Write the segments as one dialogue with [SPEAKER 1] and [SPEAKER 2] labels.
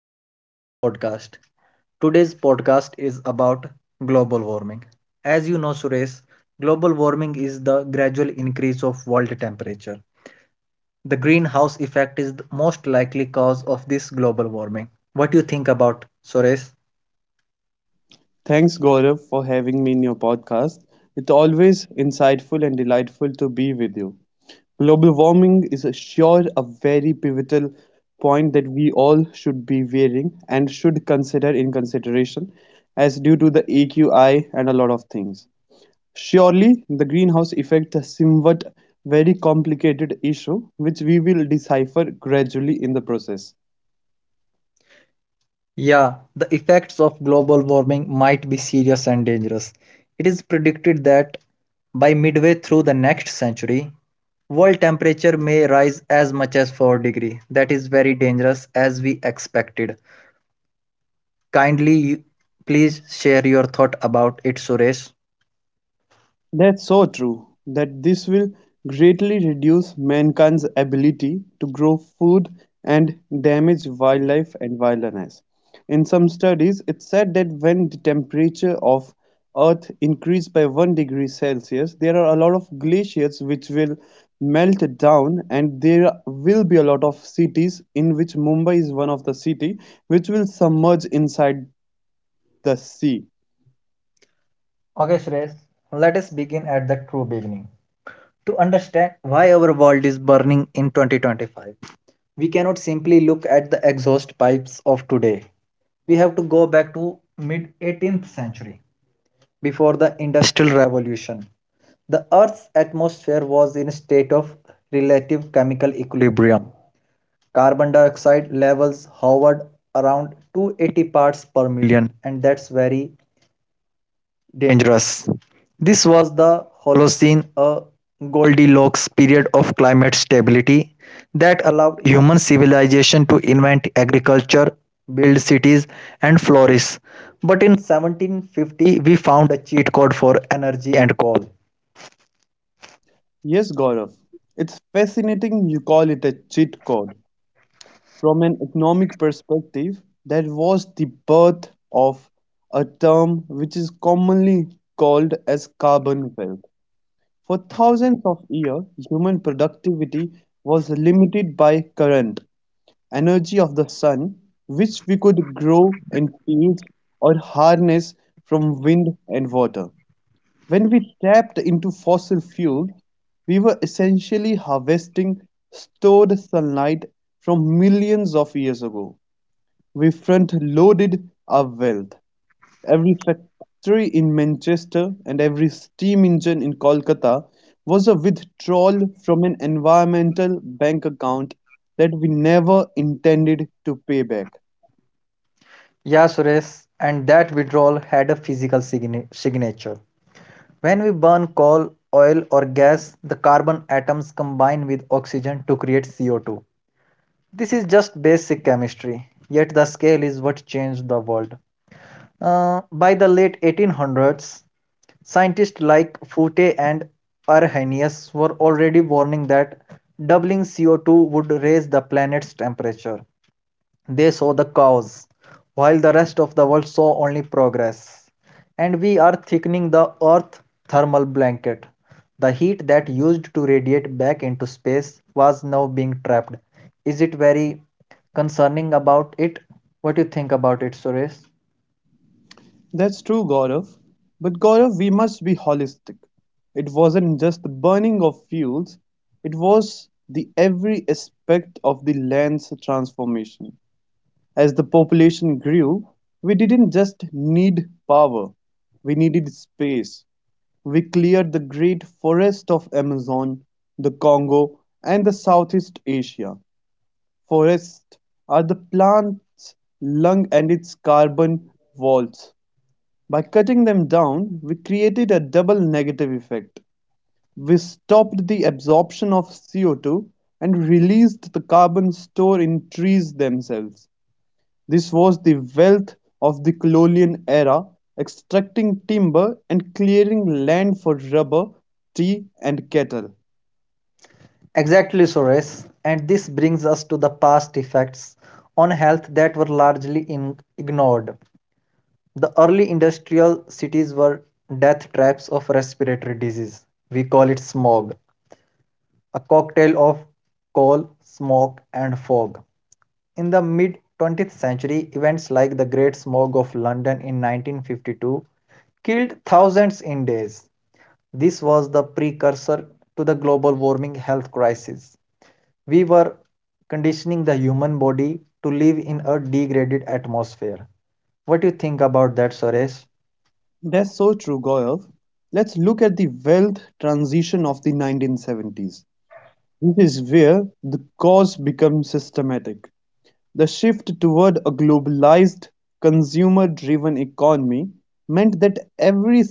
[SPEAKER 1] to our new podcast. Today's podcast is about global warming. As you know, Suresh, global warming is the gradual increase of world temperature. The greenhouse effect is the most likely cause of this global warming. What do you think about Suresh?
[SPEAKER 2] Thanks, Gaurav, for having me in your podcast. It's always insightful and delightful to be with you. Global warming is a very pivotal point that we all should be wearing and should consider in consideration as due to the AQI and a lot of things. Surely, the greenhouse effect is somewhat very complicated issue which we will decipher gradually in the process.
[SPEAKER 1] Yeah, the effects of global warming might be serious and dangerous. It is predicted that by midway through the next century, world temperature may rise as much as 4 degrees degree. That is very dangerous as we expected. Kindly you- Please share your thought about it, Suresh.
[SPEAKER 2] That's so true that this will greatly reduce mankind's ability to grow food and damage wildlife and wilderness. In some studies, it's said that when the temperature of Earth increased by 1 degree Celsius, there are a lot of glaciers which will melt down and there will be a lot of cities in which Mumbai is one of the city which will submerge inside the sea.
[SPEAKER 1] Okay, Suresh, let us begin at the true beginning. To understand why our world is burning in 2025, we cannot simply look at the exhaust pipes of today. We have to go back to mid 18th century. Before the industrial revolution, the earth's atmosphere was in a state of relative chemical equilibrium. Carbon dioxide levels hovered around 280 parts per million, and that's very dangerous. This was the Holocene, a Goldilocks period of climate stability that allowed human civilization to invent agriculture, build cities, and flourish. But in 1750, we found a cheat code for energy and coal.
[SPEAKER 2] Yes, Gaurav. It's fascinating you call it a cheat code. From an economic perspective, that was the birth of a term which is commonly called as carbon wealth. For thousands of years, human productivity was limited by current energy of the sun, which we could grow in fields or harness from wind and water. When we tapped into fossil fuel, we were essentially harvesting stored sunlight from millions of years ago. We front-loaded our wealth. Every factory in Manchester and every steam engine in Kolkata was a withdrawal from an environmental bank account that we never intended to pay back.
[SPEAKER 1] Yeah, Suresh, and that withdrawal had a physical signature. When we burn coal, oil, or gas, the carbon atoms combine with oxygen to create CO2. This is just basic chemistry, yet the scale is what changed the world. By the late 1800s, scientists like Fouquet and Arrhenius were already warning that doubling CO2 would raise the planet's temperature. They saw the cows, while the rest of the world saw only progress. And we are thickening the Earth thermal blanket. The heat that used to radiate back into space was now being trapped. Is it very concerning about it? What do you think about it, Suresh?
[SPEAKER 2] That's true, Gaurav. But Gaurav, we must be holistic. It wasn't just the burning of fuels, it was the every aspect of the land's transformation. As the population grew, we didn't just need power, we needed space. We cleared the great forest of Amazon, the Congo, and the Southeast Asia. Forests are the plant's lung and its carbon vaults. By cutting them down, we created a double negative effect: we stopped the absorption of CO-two and released the carbon stored in trees themselves. This was the wealth of the colonial era: extracting timber and clearing land for rubber, tea and cattle.
[SPEAKER 1] Exactly, Suresh. And this brings us to the past effects on health that were largely ignored. The early industrial cities were death traps of respiratory disease. We call it smog, a cocktail of coal, smoke, and fog. In the mid 20th century, events like the Great Smog of London in 1952 killed thousands in days. This was the precursor to the global warming health crisis. We were conditioning the human body to live in a degraded atmosphere. What do you think about that, Suresh?
[SPEAKER 2] That's so true, Gaurav. Let's look at the wealth transition of the 1970s. This is where the cause becomes systematic. The shift toward a globalized, consumer-driven economy meant that every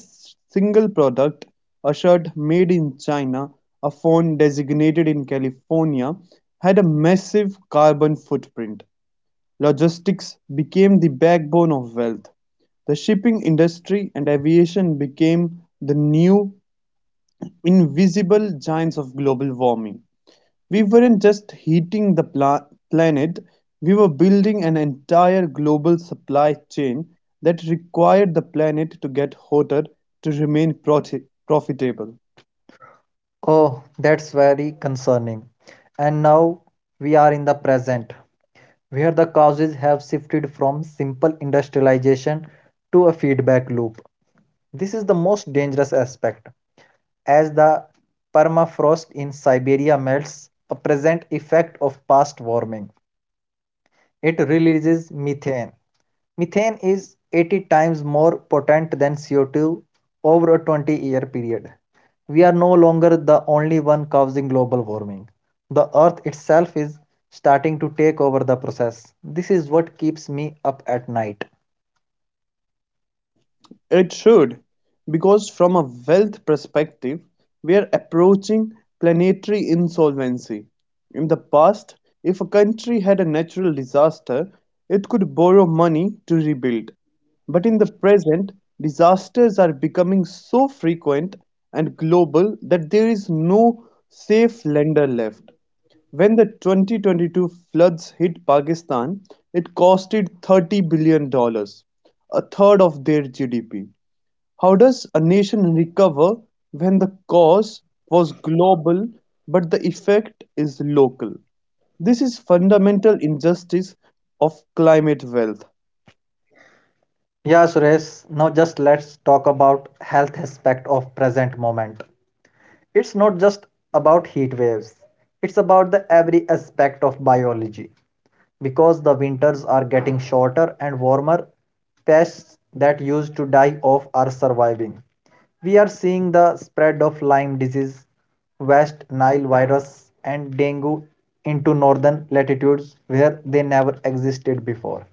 [SPEAKER 2] single product, a shirt made in China, a phone designated in California, had a massive carbon footprint. Logistics became the backbone of wealth. The shipping industry and aviation became the new invisible giants of global warming. We weren't just heating the planet, we were building an entire global supply chain that required the planet to get hotter to remain profitable.
[SPEAKER 1] Oh, that's very concerning. And now we are in the present, where the causes have shifted from simple industrialization to a feedback loop. This is the most dangerous aspect. As the permafrost in Siberia melts, a present effect of past warming, it releases methane. Methane is 80 times more potent than CO2 over a 20-year period. We are no longer the only one causing global warming. The earth itself is starting to take over the process. This is what keeps me up at night.
[SPEAKER 2] It should, because from a wealth perspective we're approaching planetary insolvency. In the past, if a country had a natural disaster, it could borrow money to rebuild. But in the present, disasters are becoming so frequent and global that there is no safe lender left. When the 2022 floods hit Pakistan, it costed $30 billion, a third of their GDP. How does a nation recover when the cause was global but the effect is local? This is fundamental injustice of climate wealth.
[SPEAKER 1] Yeah, Suresh, now just let's talk about health aspect of present moment. It's not just about heat waves, it's about the every aspect of biology. Because the winters are getting shorter and warmer, pests that used to die off are surviving. We are seeing the spread of Lyme disease, West Nile virus, and dengue into northern latitudes where they never existed before.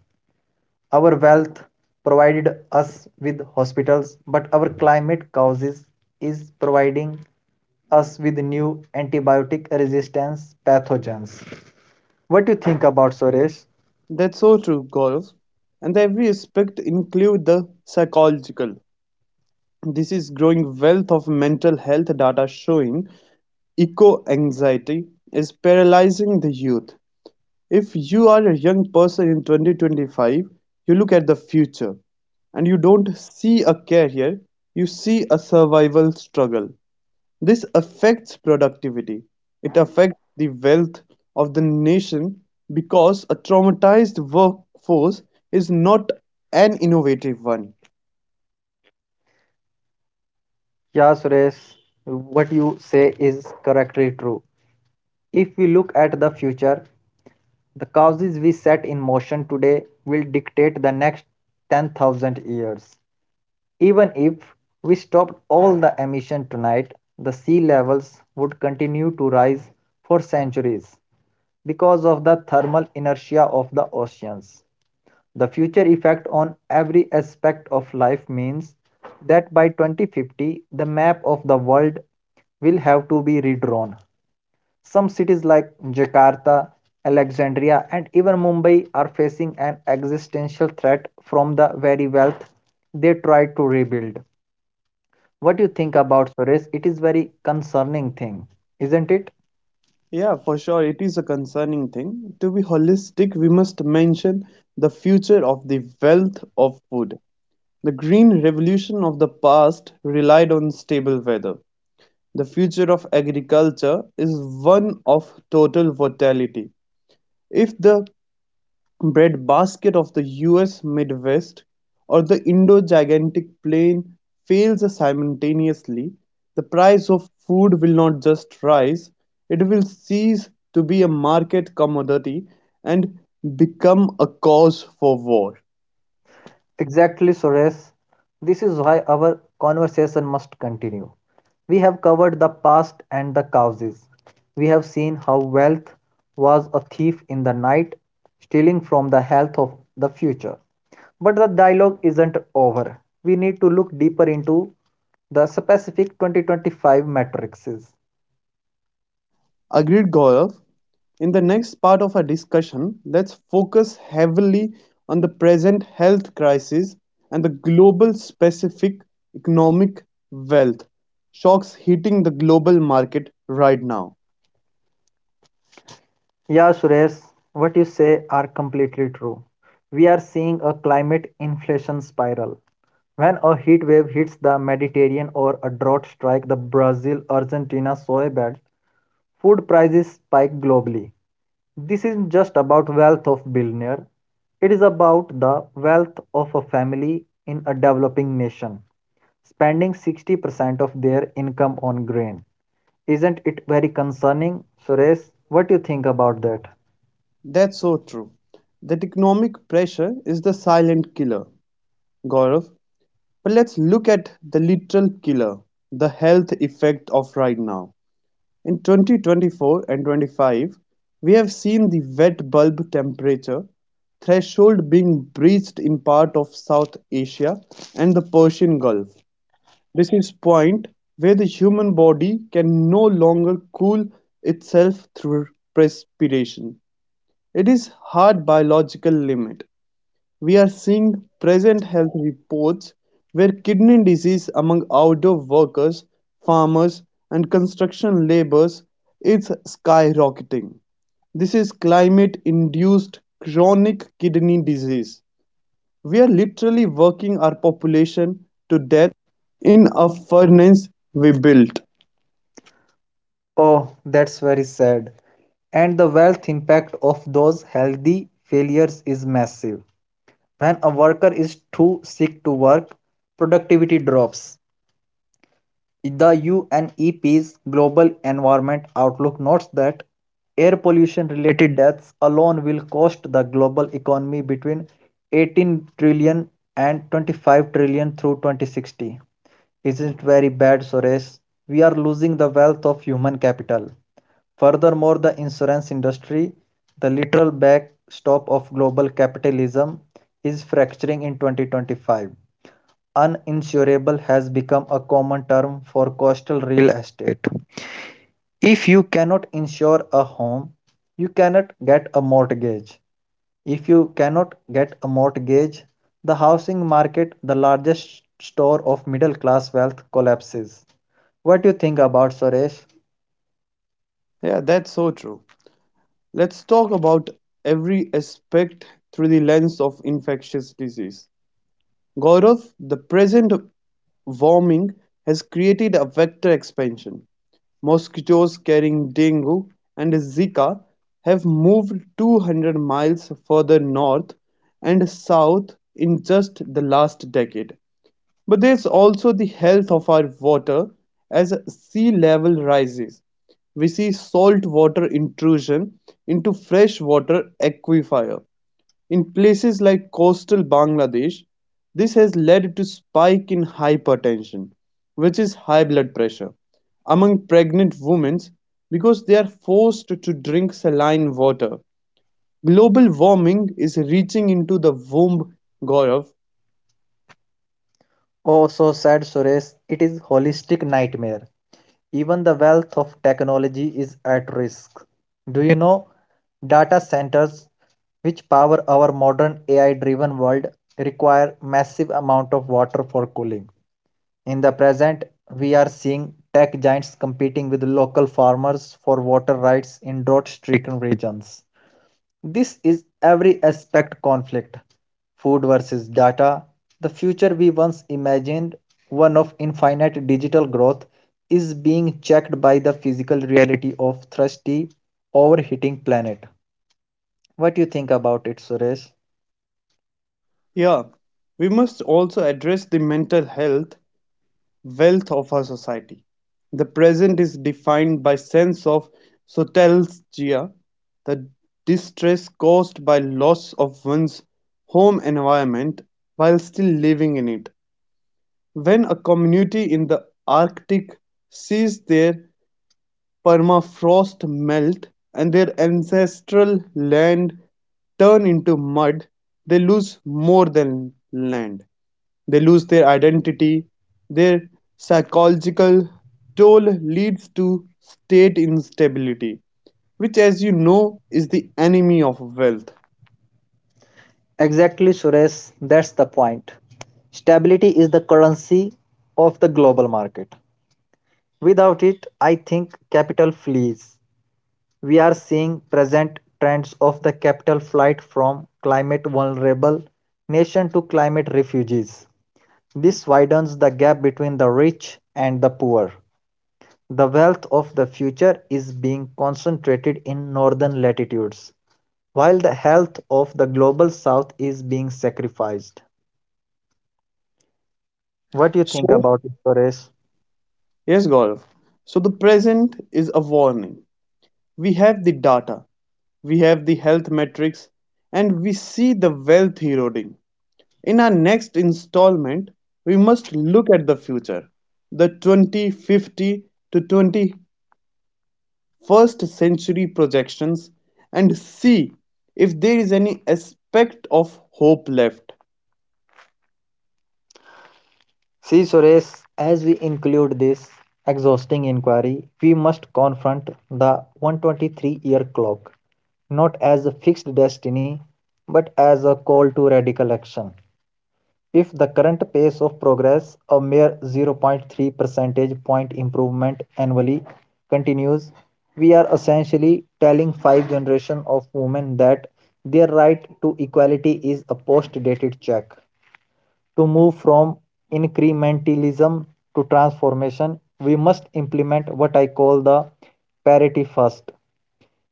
[SPEAKER 1] Our wealth provided us with hospitals, but our climate causes is providing us with new antibiotic resistance pathogens. What do you think about Suresh?
[SPEAKER 2] That's so true, Gaurav. And every aspect include the psychological. This is growing wealth of mental health data showing eco-anxiety is paralyzing the youth. If you are a young person in 2025, you look at the future and you don't see a career, you see a survival struggle. This affects productivity. It affects the wealth of the nation because a traumatized workforce is not an innovative one.
[SPEAKER 1] Yeah, Suresh, what you say is correctly true. If we look at the future, the causes we set in motion today will dictate the next 10,000 years. Even if we stopped all the emission tonight, the sea levels would continue to rise for centuries because of the thermal inertia of the oceans. The future effect on every aspect of life means that by 2050, the map of the world will have to be redrawn. Some cities like Jakarta, Alexandria, and even Mumbai are facing an existential threat from the very wealth they try to rebuild. What do you think about Suresh? It is very concerning thing, isn't it?
[SPEAKER 2] Yeah, for sure, it is a concerning thing. To be holistic, we must mention the future of the wealth of food. The green revolution of the past relied on stable weather. The future of agriculture is one of total versatility. If the breadbasket of the U.S. Midwest, or the Indo-Gigantic Plain fails simultaneously, the price of food will not just rise, it will cease to be a market commodity and become a cause for war.
[SPEAKER 1] Exactly, Suresh. This is why our conversation must continue. We have covered the past and the causes. We have seen how wealth was a thief in the night, stealing from the health of the future. But the dialogue isn't over. We need to look deeper into the specific 2025 matrices.
[SPEAKER 2] Agreed, Gaurav. In the next part of our discussion, let's focus heavily on the present health crisis and the global specific economic wealth shocks hitting the global market right now.
[SPEAKER 1] Yeah, Suresh, what you say are completely true. We are seeing a climate inflation spiral. When a heat wave hits the Mediterranean or a drought strikes the Brazil Argentina soy belt, food prices spike globally. This isn't just about wealth of billionaire, it is about the wealth of a family in a developing nation, spending 60% of their income on grain. Isn't it very concerning, Suresh? What do you think about that?
[SPEAKER 2] That's so true. That economic pressure is the silent killer, Gaurav. But let's look at the literal killer, the health effect of right now. In 2024 and 25, we have seen the wet bulb temperature threshold being breached in part of South Asia and the Persian Gulf. This is point where the human body can no longer cool itself through respiration. It is hard biological limit. We are seeing present health reports where kidney disease among outdoor workers, farmers, and construction laborers is skyrocketing. This is climate induced chronic kidney disease. We are literally working our.
[SPEAKER 1] Oh, that's very sad. And the wealth impact of those healthy failures is massive. When a worker is too sick to work, productivity drops. The UNEP's Global Environment Outlook notes that air pollution related deaths alone will cost the global economy between 18 trillion and 25 trillion through 2060. Isn't very bad, Suresh? We are losing the wealth of human capital. Furthermore, the insurance industry, the literal backstop of global capitalism, is fracturing in 2025. Uninsurable has become a common term for coastal real estate. If you cannot insure a home, you cannot get a mortgage. If you cannot get a mortgage, the housing market, the largest store of middle class wealth, collapses. What do you think about Suresh?
[SPEAKER 2] Yeah, that's so true. Let's talk about every aspect through the lens of infectious disease. Gaurav, the present warming has created a vector expansion. Mosquitoes carrying dengue and Zika have moved 200 miles further north and south in just the last decade. But there's also the health of our water. As sea level rises, we see saltwater intrusion into freshwater aquifer. In places like coastal Bangladesh, this has led to spike in hypertension, which is high blood pressure, among pregnant women because they are forced to drink saline water. Global warming is reaching into the womb, Gaurav.
[SPEAKER 1] Oh, so sad, Suresh. It is holistic nightmare. Even the wealth of technology is at risk. Do you know data centers which power our modern AI driven world require massive amount of water for cooling. In the present, we are seeing tech giants competing with local farmers for water rights in drought stricken regions. This is every aspect conflict. Food versus data. The future we once imagined, one of infinite digital growth, is being checked by the physical reality of thirsty, overheating planet. What do you think about it, Suresh?
[SPEAKER 2] Yeah, we must also address the mental health wealth of our society. The present is defined by sense of sotalgia, the distress caused by loss of one's home environment while still living in it. When a community in the Arctic sees their permafrost melt and their ancestral land turn into mud, they lose more than land. They lose their identity; their psychological toll leads to state instability, which as you know is the enemy of wealth.
[SPEAKER 1] Exactly, Suresh. That's the point. Stability is the currency of the global market. Without it, I think capital flees. We are seeing present trends of the capital flight from climate vulnerable nation to climate refugees. This widens the gap between the rich and the poor. The wealth of the future is being concentrated in northern latitudes, while the health of the global south is being sacrificed. What do you think
[SPEAKER 2] So,
[SPEAKER 1] about it, Suresh?
[SPEAKER 2] yes, Gaurav. So, the present is a warning. We have the data, we have the health metrics, and we see the wealth eroding. In our next installment, we must look at the future, the 2050 to 20 first-century projections and see if there is any aspect of hope left.
[SPEAKER 1] See, Suresh, as we include this exhausting inquiry, we must confront the 123-year clock, not as a fixed destiny, but as a call to radical action. If the current pace of progress, a mere zero point 0.3 percentage point improvement annually, continues, we are essentially telling five generations of women that their right to equality is a post dated check. To move from incrementalism to transformation, we must implement what I call the parity first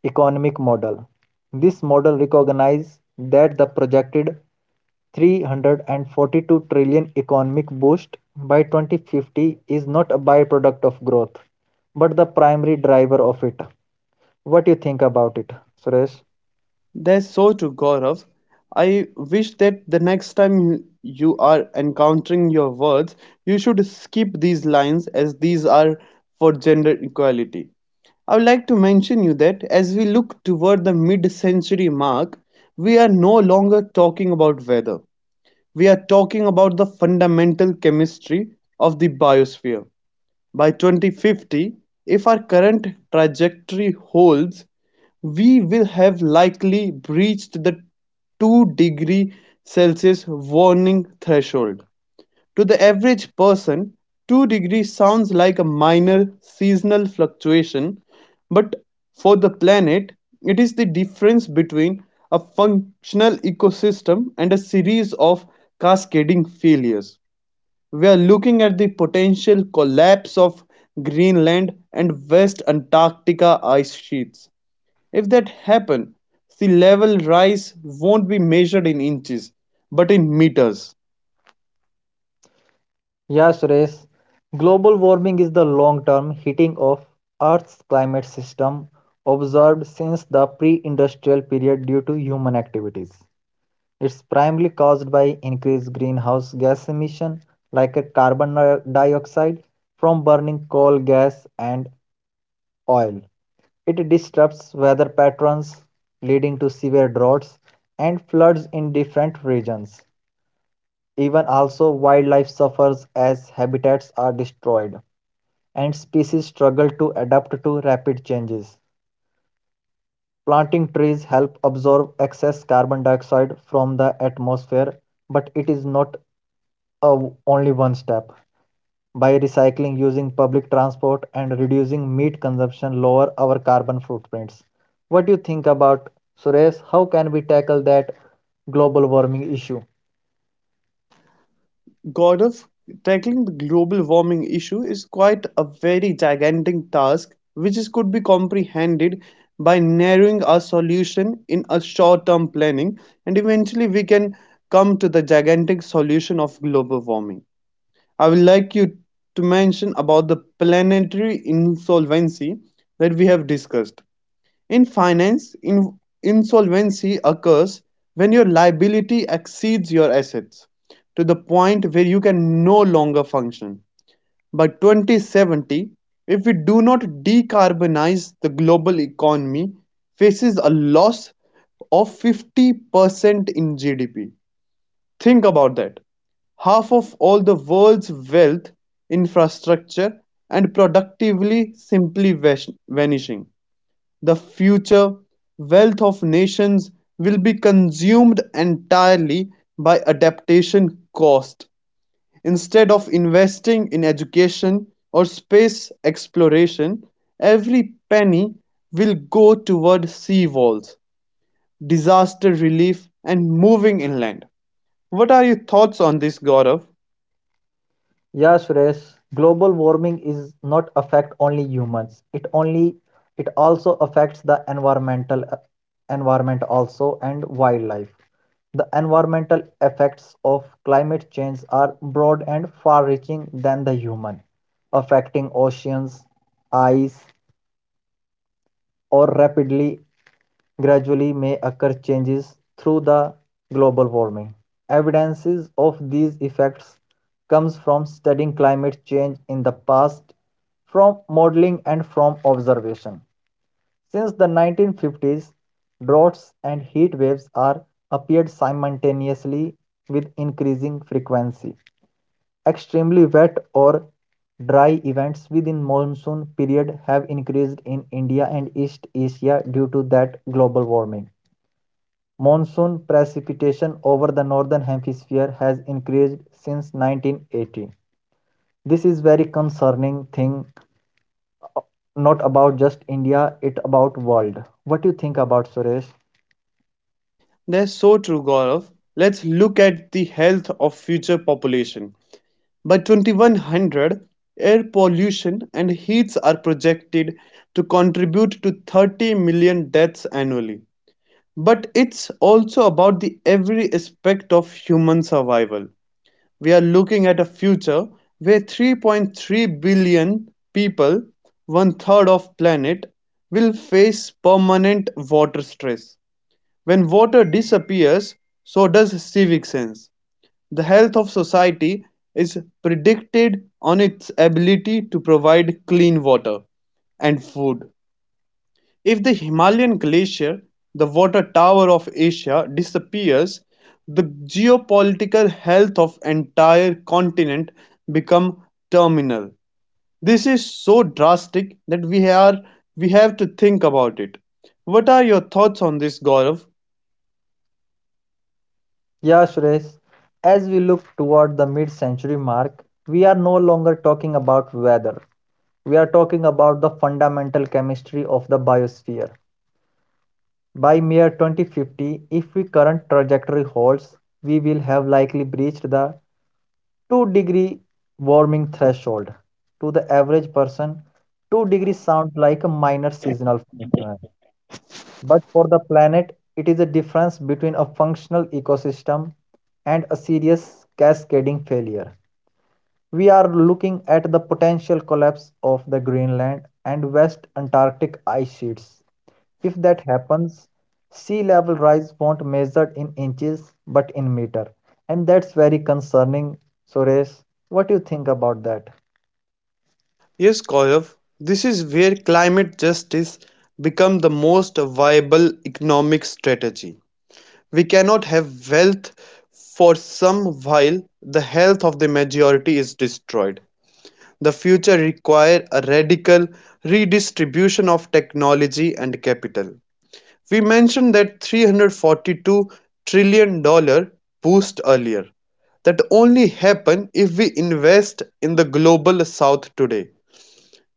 [SPEAKER 1] economic model. This model recognizes that the projected 342 trillion economic boost by 2050 is not a byproduct of growth but the primary driver of it. What do you think about it, Suresh?
[SPEAKER 2] That's so true, Gaurav. I wish that the next time you are encountering your words, you should skip these lines as these are for gender equality. I would like to mention you that as we look toward the mid-century mark, we are no longer talking about weather. We are talking about the fundamental chemistry of the biosphere. By 2050, if our current trajectory holds, we will have likely breached the 2-degree Celsius warning threshold. To the average person, 2 degrees sounds like a minor seasonal fluctuation, but for the planet, it is the difference between a functional ecosystem and a series of cascading failures. We are looking at the potential collapse of Greenland and West Antarctica ice sheets. If that happens, sea level rise won't be measured in inches, but in meters.
[SPEAKER 1] Yeah, Suresh. Global warming is the long term heating of Earth's climate system observed since the pre industrial period due to human activities. It's primarily caused by increased greenhouse gas emission, like a carbon dioxide from burning coal, gas, and oil. It disrupts weather patterns, leading to severe droughts and floods in different regions. Even also, wildlife suffers as habitats are destroyed and species struggle to adapt to rapid changes. Planting trees help absorb excess carbon dioxide from the atmosphere, but it is not a only one step. By recycling, using public transport, and reducing meat consumption, lower our carbon footprints. What do you think about Suresh? How can we tackle that global warming issue?
[SPEAKER 2] God of tackling the global warming issue is quite a very gigantic task which is, could be comprehended by narrowing our solution in a short term planning and eventually we can come to the gigantic solution of global warming. I would like you to mention about the planetary insolvency that we have discussed. In finance, insolvency occurs when your liability exceeds your assets to the point where you can no longer function. By 2070, if we do not decarbonize the global economy, faces a loss of 50% in GDP. Think about that: half of all the world's wealth, infrastructure, and productively simply vanishing. The future wealth of nations will be consumed entirely by adaptation cost. Instead of investing in education or space exploration, every penny will go toward sea walls, disaster relief, and moving inland. What are your thoughts on this, Gaurav?
[SPEAKER 1] Yeah, Suresh, global warming is not affect only humans. It also affects the environment also and wildlife. The environmental effects of climate change are broad and far-reaching than the human, affecting oceans, ice, or rapidly gradually may occur changes through the global warming. Evidences of these effects comes from studying climate change in the past, from modeling and from observation. Since the 1950s, droughts and heat waves are appeared simultaneously with increasing frequency. Extremely wet or dry events within monsoon period have increased in India and East Asia due to that global warming. Monsoon precipitation over the northern hemisphere has increased since 1980. This is very concerning thing not about just India, it about world. What do you think about Suresh?
[SPEAKER 2] Are so true, Gaurav. Let's look at the health of future population. By 2100, air pollution and heats are projected to contribute to 30 million deaths annually. But it's also about the every aspect of human survival. We are looking at a future where 3.3 billion people, one third of planet, will face permanent water stress. When water disappears, so does civic sense; the health of society is predicted on its ability to provide clean water and food. If the Himalayan glacier, the water tower of Asia, disappears, the geopolitical health of entire continent become terminal. This is so drastic that we have to think about it. What are your thoughts on this, Gaurav?
[SPEAKER 1] Yeah, Suresh, as we look toward the mid-century mark, we are no longer talking about weather. We are talking about the fundamental chemistry of the biosphere. By mere 2050, if the current trajectory holds, we will have likely breached the 2-degree warming threshold. To the average person, 2 degrees sounds like a minor seasonal phenomenon. But for the planet, it is a difference between a functional ecosystem and a serious cascading failure. We are looking at the potential collapse of the Greenland and West Antarctic ice sheets. If that happens, sea level rise won't measured in inches but in meter, and that's very concerning. Suresh, what do you think about that?
[SPEAKER 2] Yes, Gaurav, this is where climate justice becomes the most viable economic strategy. We cannot have wealth for some while the health of the majority is destroyed. The future requires a radical redistribution of technology and capital. We mentioned that $342 trillion boost earlier that only happen if we invest in the global south today.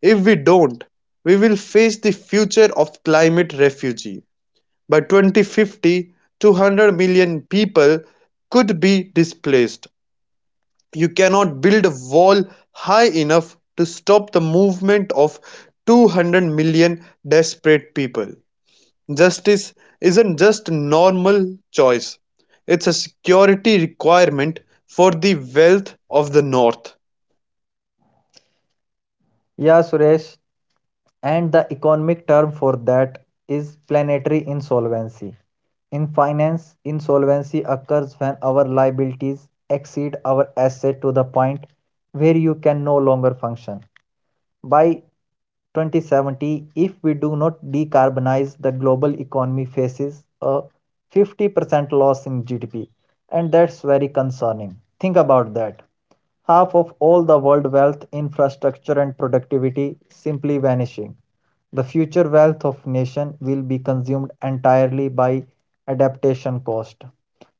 [SPEAKER 2] If we don't, we will face the future of climate refugee. By 2050, 200 million people could be displaced. You cannot build a wall high enough to stop the movement of 200 million desperate people. Justice isn't just a normal choice, it's a security requirement for the wealth of the North.
[SPEAKER 1] Yeah, Suresh, and the economic term for that is planetary insolvency. In finance, insolvency occurs when our liabilities exceed our asset to the point where you can no longer function. By 2070, if we do not decarbonize, the global economy faces a 50% loss in GDP, and that's very concerning. Think about that. Half of all the world wealth, infrastructure, and productivity simply vanishing. The future wealth of nation will be consumed entirely by adaptation cost.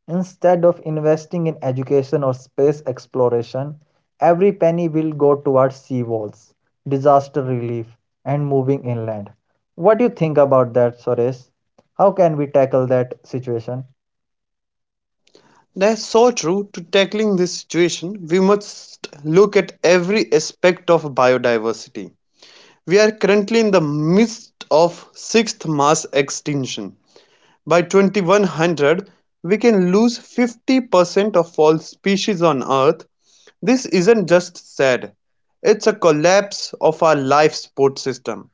[SPEAKER 1] Instead of investing in education or space exploration, every penny will go towards sea walls, disaster relief, and moving inland. What do you think about that, Suresh? How can we tackle that situation?
[SPEAKER 2] That is so true. To tackling this situation, we must look at every aspect of biodiversity. We are currently in the midst of sixth mass extinction. By 2100, we can lose 50% of all species on Earth. This isn't just sad, it's a collapse of our life support system.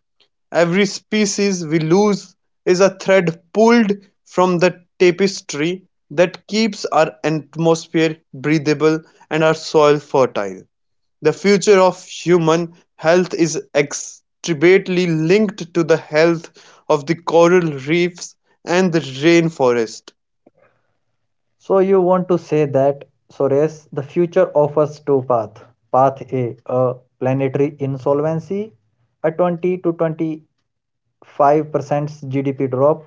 [SPEAKER 2] Every species we lose is a thread pulled from the tapestry that keeps our atmosphere breathable and our soil fertile. The future of human health is extremely linked to the health of the coral reefs and the rainforest.
[SPEAKER 1] So you want to say that Suresh, the future offers two paths. Path A, a planetary insolvency, a 20 to 25% GDP drop,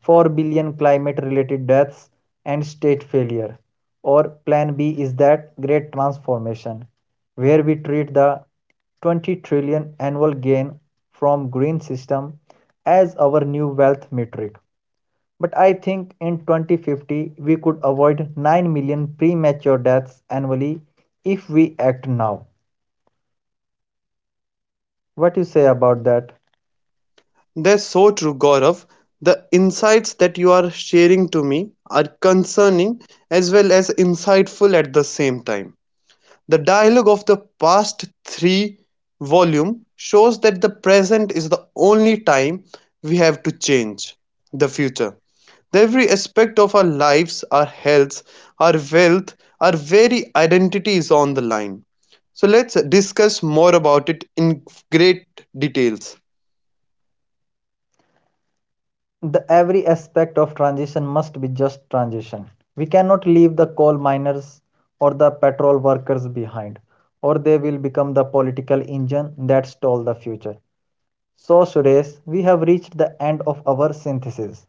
[SPEAKER 1] 4 billion climate related deaths and state failure. Or plan B is that great transformation where we treat the 20 trillion annual gain from green system as our new wealth metric, but I think in 2050 we could avoid 9 million premature deaths annually if we act now. What you say about that?
[SPEAKER 2] That's so true, Gaurav. The insights that you are sharing to me are concerning as well as insightful at the same time. The dialogue of the past three volume shows that the present is the only time we have to change the future. Every aspect of our lives, our health, our wealth, our very identity is on the line. So let's discuss more about it in great details.
[SPEAKER 1] The every aspect of transition must be just transition. We cannot leave the coal miners or the petrol workers behind or they will become the political engine that stall the future. So, Suresh, we have reached the end of our synthesis.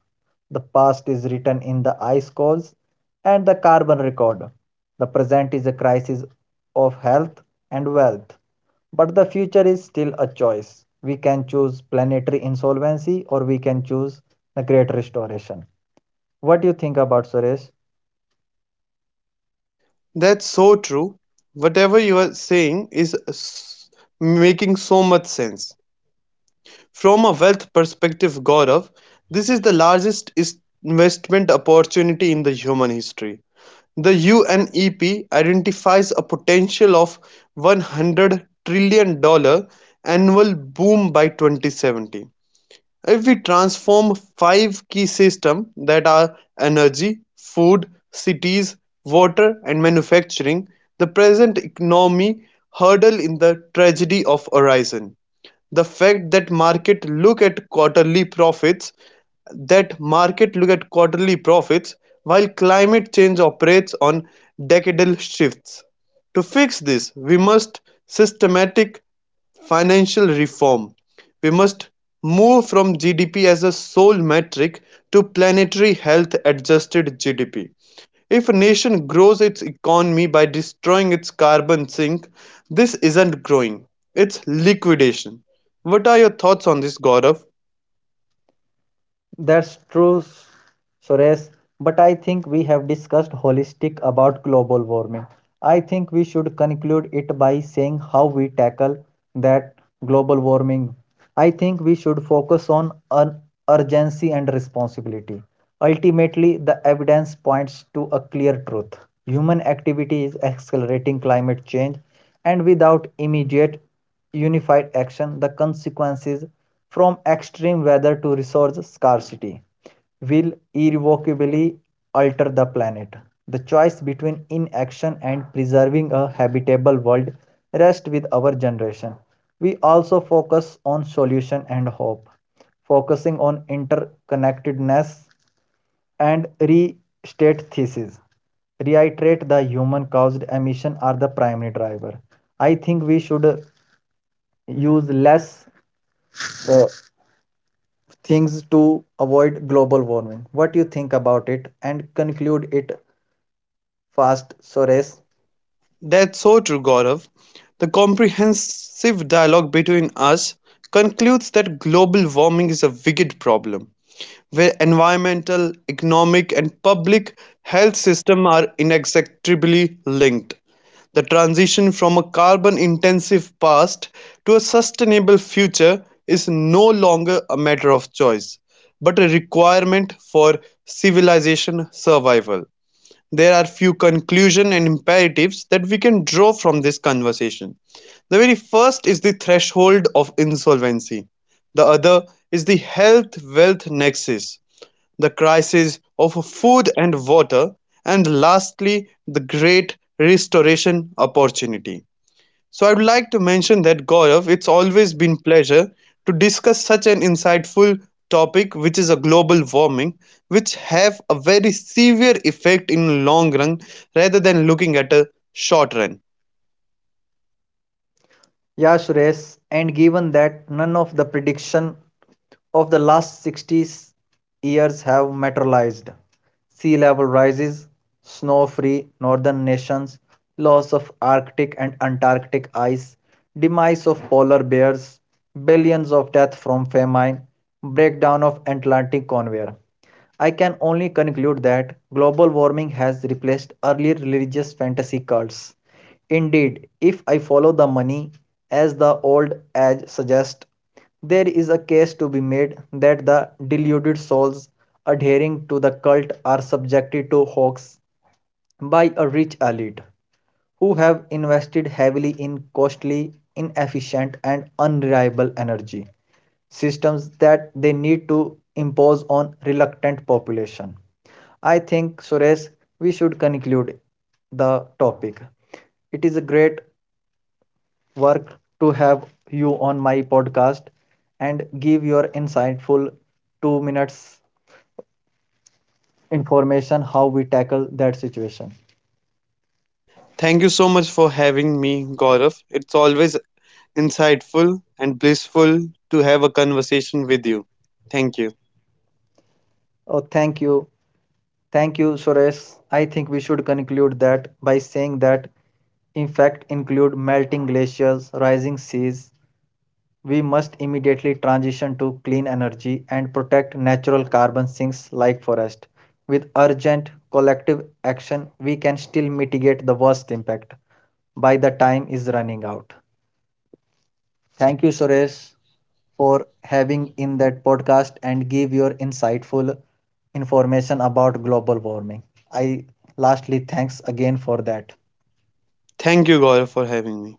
[SPEAKER 1] The past is written in the ice cores and the carbon record. The present is a crisis of health and wealth. But the future is still a choice. We can choose planetary insolvency or we can choose the great restoration. What do you think about, Suresh?
[SPEAKER 2] That's so true. Whatever you are saying is making so much sense. From a wealth perspective Gaurav, this is the largest investment opportunity in the human history. The UNEP identifies a potential of $100 trillion annual boom by 2070. If we transform five key systems that are energy, food, cities, water and manufacturing, the present economy hurdle in the tragedy of horizon. The fact that market look at quarterly profits while climate change operates on decadal shifts. To fix this, we must systematic financial reform, we must move from GDP as a sole metric to planetary health-adjusted GDP. If a nation grows its economy by destroying its carbon sink, this isn't growing, it's liquidation. What are your thoughts on this, Gaurav?
[SPEAKER 1] That's true, Suresh. But I think we have discussed holistic about global warming. I think we should conclude it by saying how we tackle that global warming. I think we should focus on un- urgency and responsibility. Ultimately, the evidence points to a clear truth. Human activity is accelerating climate change, and without immediate unified action, the consequences from extreme weather to resource scarcity will irrevocably alter the planet. The choice between inaction and preserving a habitable world rests with our generation. We also focus on solution and hope, focusing on interconnectedness and restate thesis. Reiterate the human caused emission are the primary driver. I think we should use less uh, things to avoid global warming. What you think about it, and conclude it fast, Suresh.
[SPEAKER 2] That's so true, Gaurav. The comprehensive dialogue between us concludes that global warming is a wicked problem, where environmental, economic, and public health systems are inextricably linked. The transition from a carbon intensive past to a sustainable future is no longer a matter of choice, but a requirement for civilization survival. There are few conclusions and imperatives that we can draw from this conversation. The very first is the threshold of insolvency. The other is the health-wealth nexus, the crisis of food and water, and lastly, the great restoration opportunity. So I'd like to mention that Gaurav, it's always been pleasure to discuss such an insightful topic which is a global warming which have a very severe effect in long run rather than looking at a short run.
[SPEAKER 1] Yeah, Suresh. And given that none of the prediction of the last 60 years have materialized, sea level rises, snow-free northern nations, loss of Arctic and Antarctic ice, demise of polar bears, billions of death from famine, breakdown of Atlantic conveyor. I can only conclude that global warming has replaced earlier religious fantasy cults. Indeed, if I follow the money, as the old age suggests, there is a case to be made that the deluded souls adhering to the cult are subjected to hoax by a rich elite who have invested heavily in costly, inefficient, and unreliable energy systems that they need to impose on reluctant population. I think, Suresh, we should conclude the topic. It is a great work to have you on my podcast and give your insightful 2 minutes information how we tackle that situation.
[SPEAKER 2] Thank you so much for having me Gaurav. It's always insightful and blissful to have a conversation with you. Thank you.
[SPEAKER 1] Oh, thank you. Thank you, Suresh. I think we should conclude that by saying that in fact include melting glaciers, rising seas. We must immediately transition to clean energy and protect natural carbon sinks like forest. With urgent collective action, we can still mitigate the worst impact by the time is running out. Thank you, Suresh, for having in that podcast and give your insightful information about global warming. I lastly thanks again for that.
[SPEAKER 2] Thank you Gaurav for having me.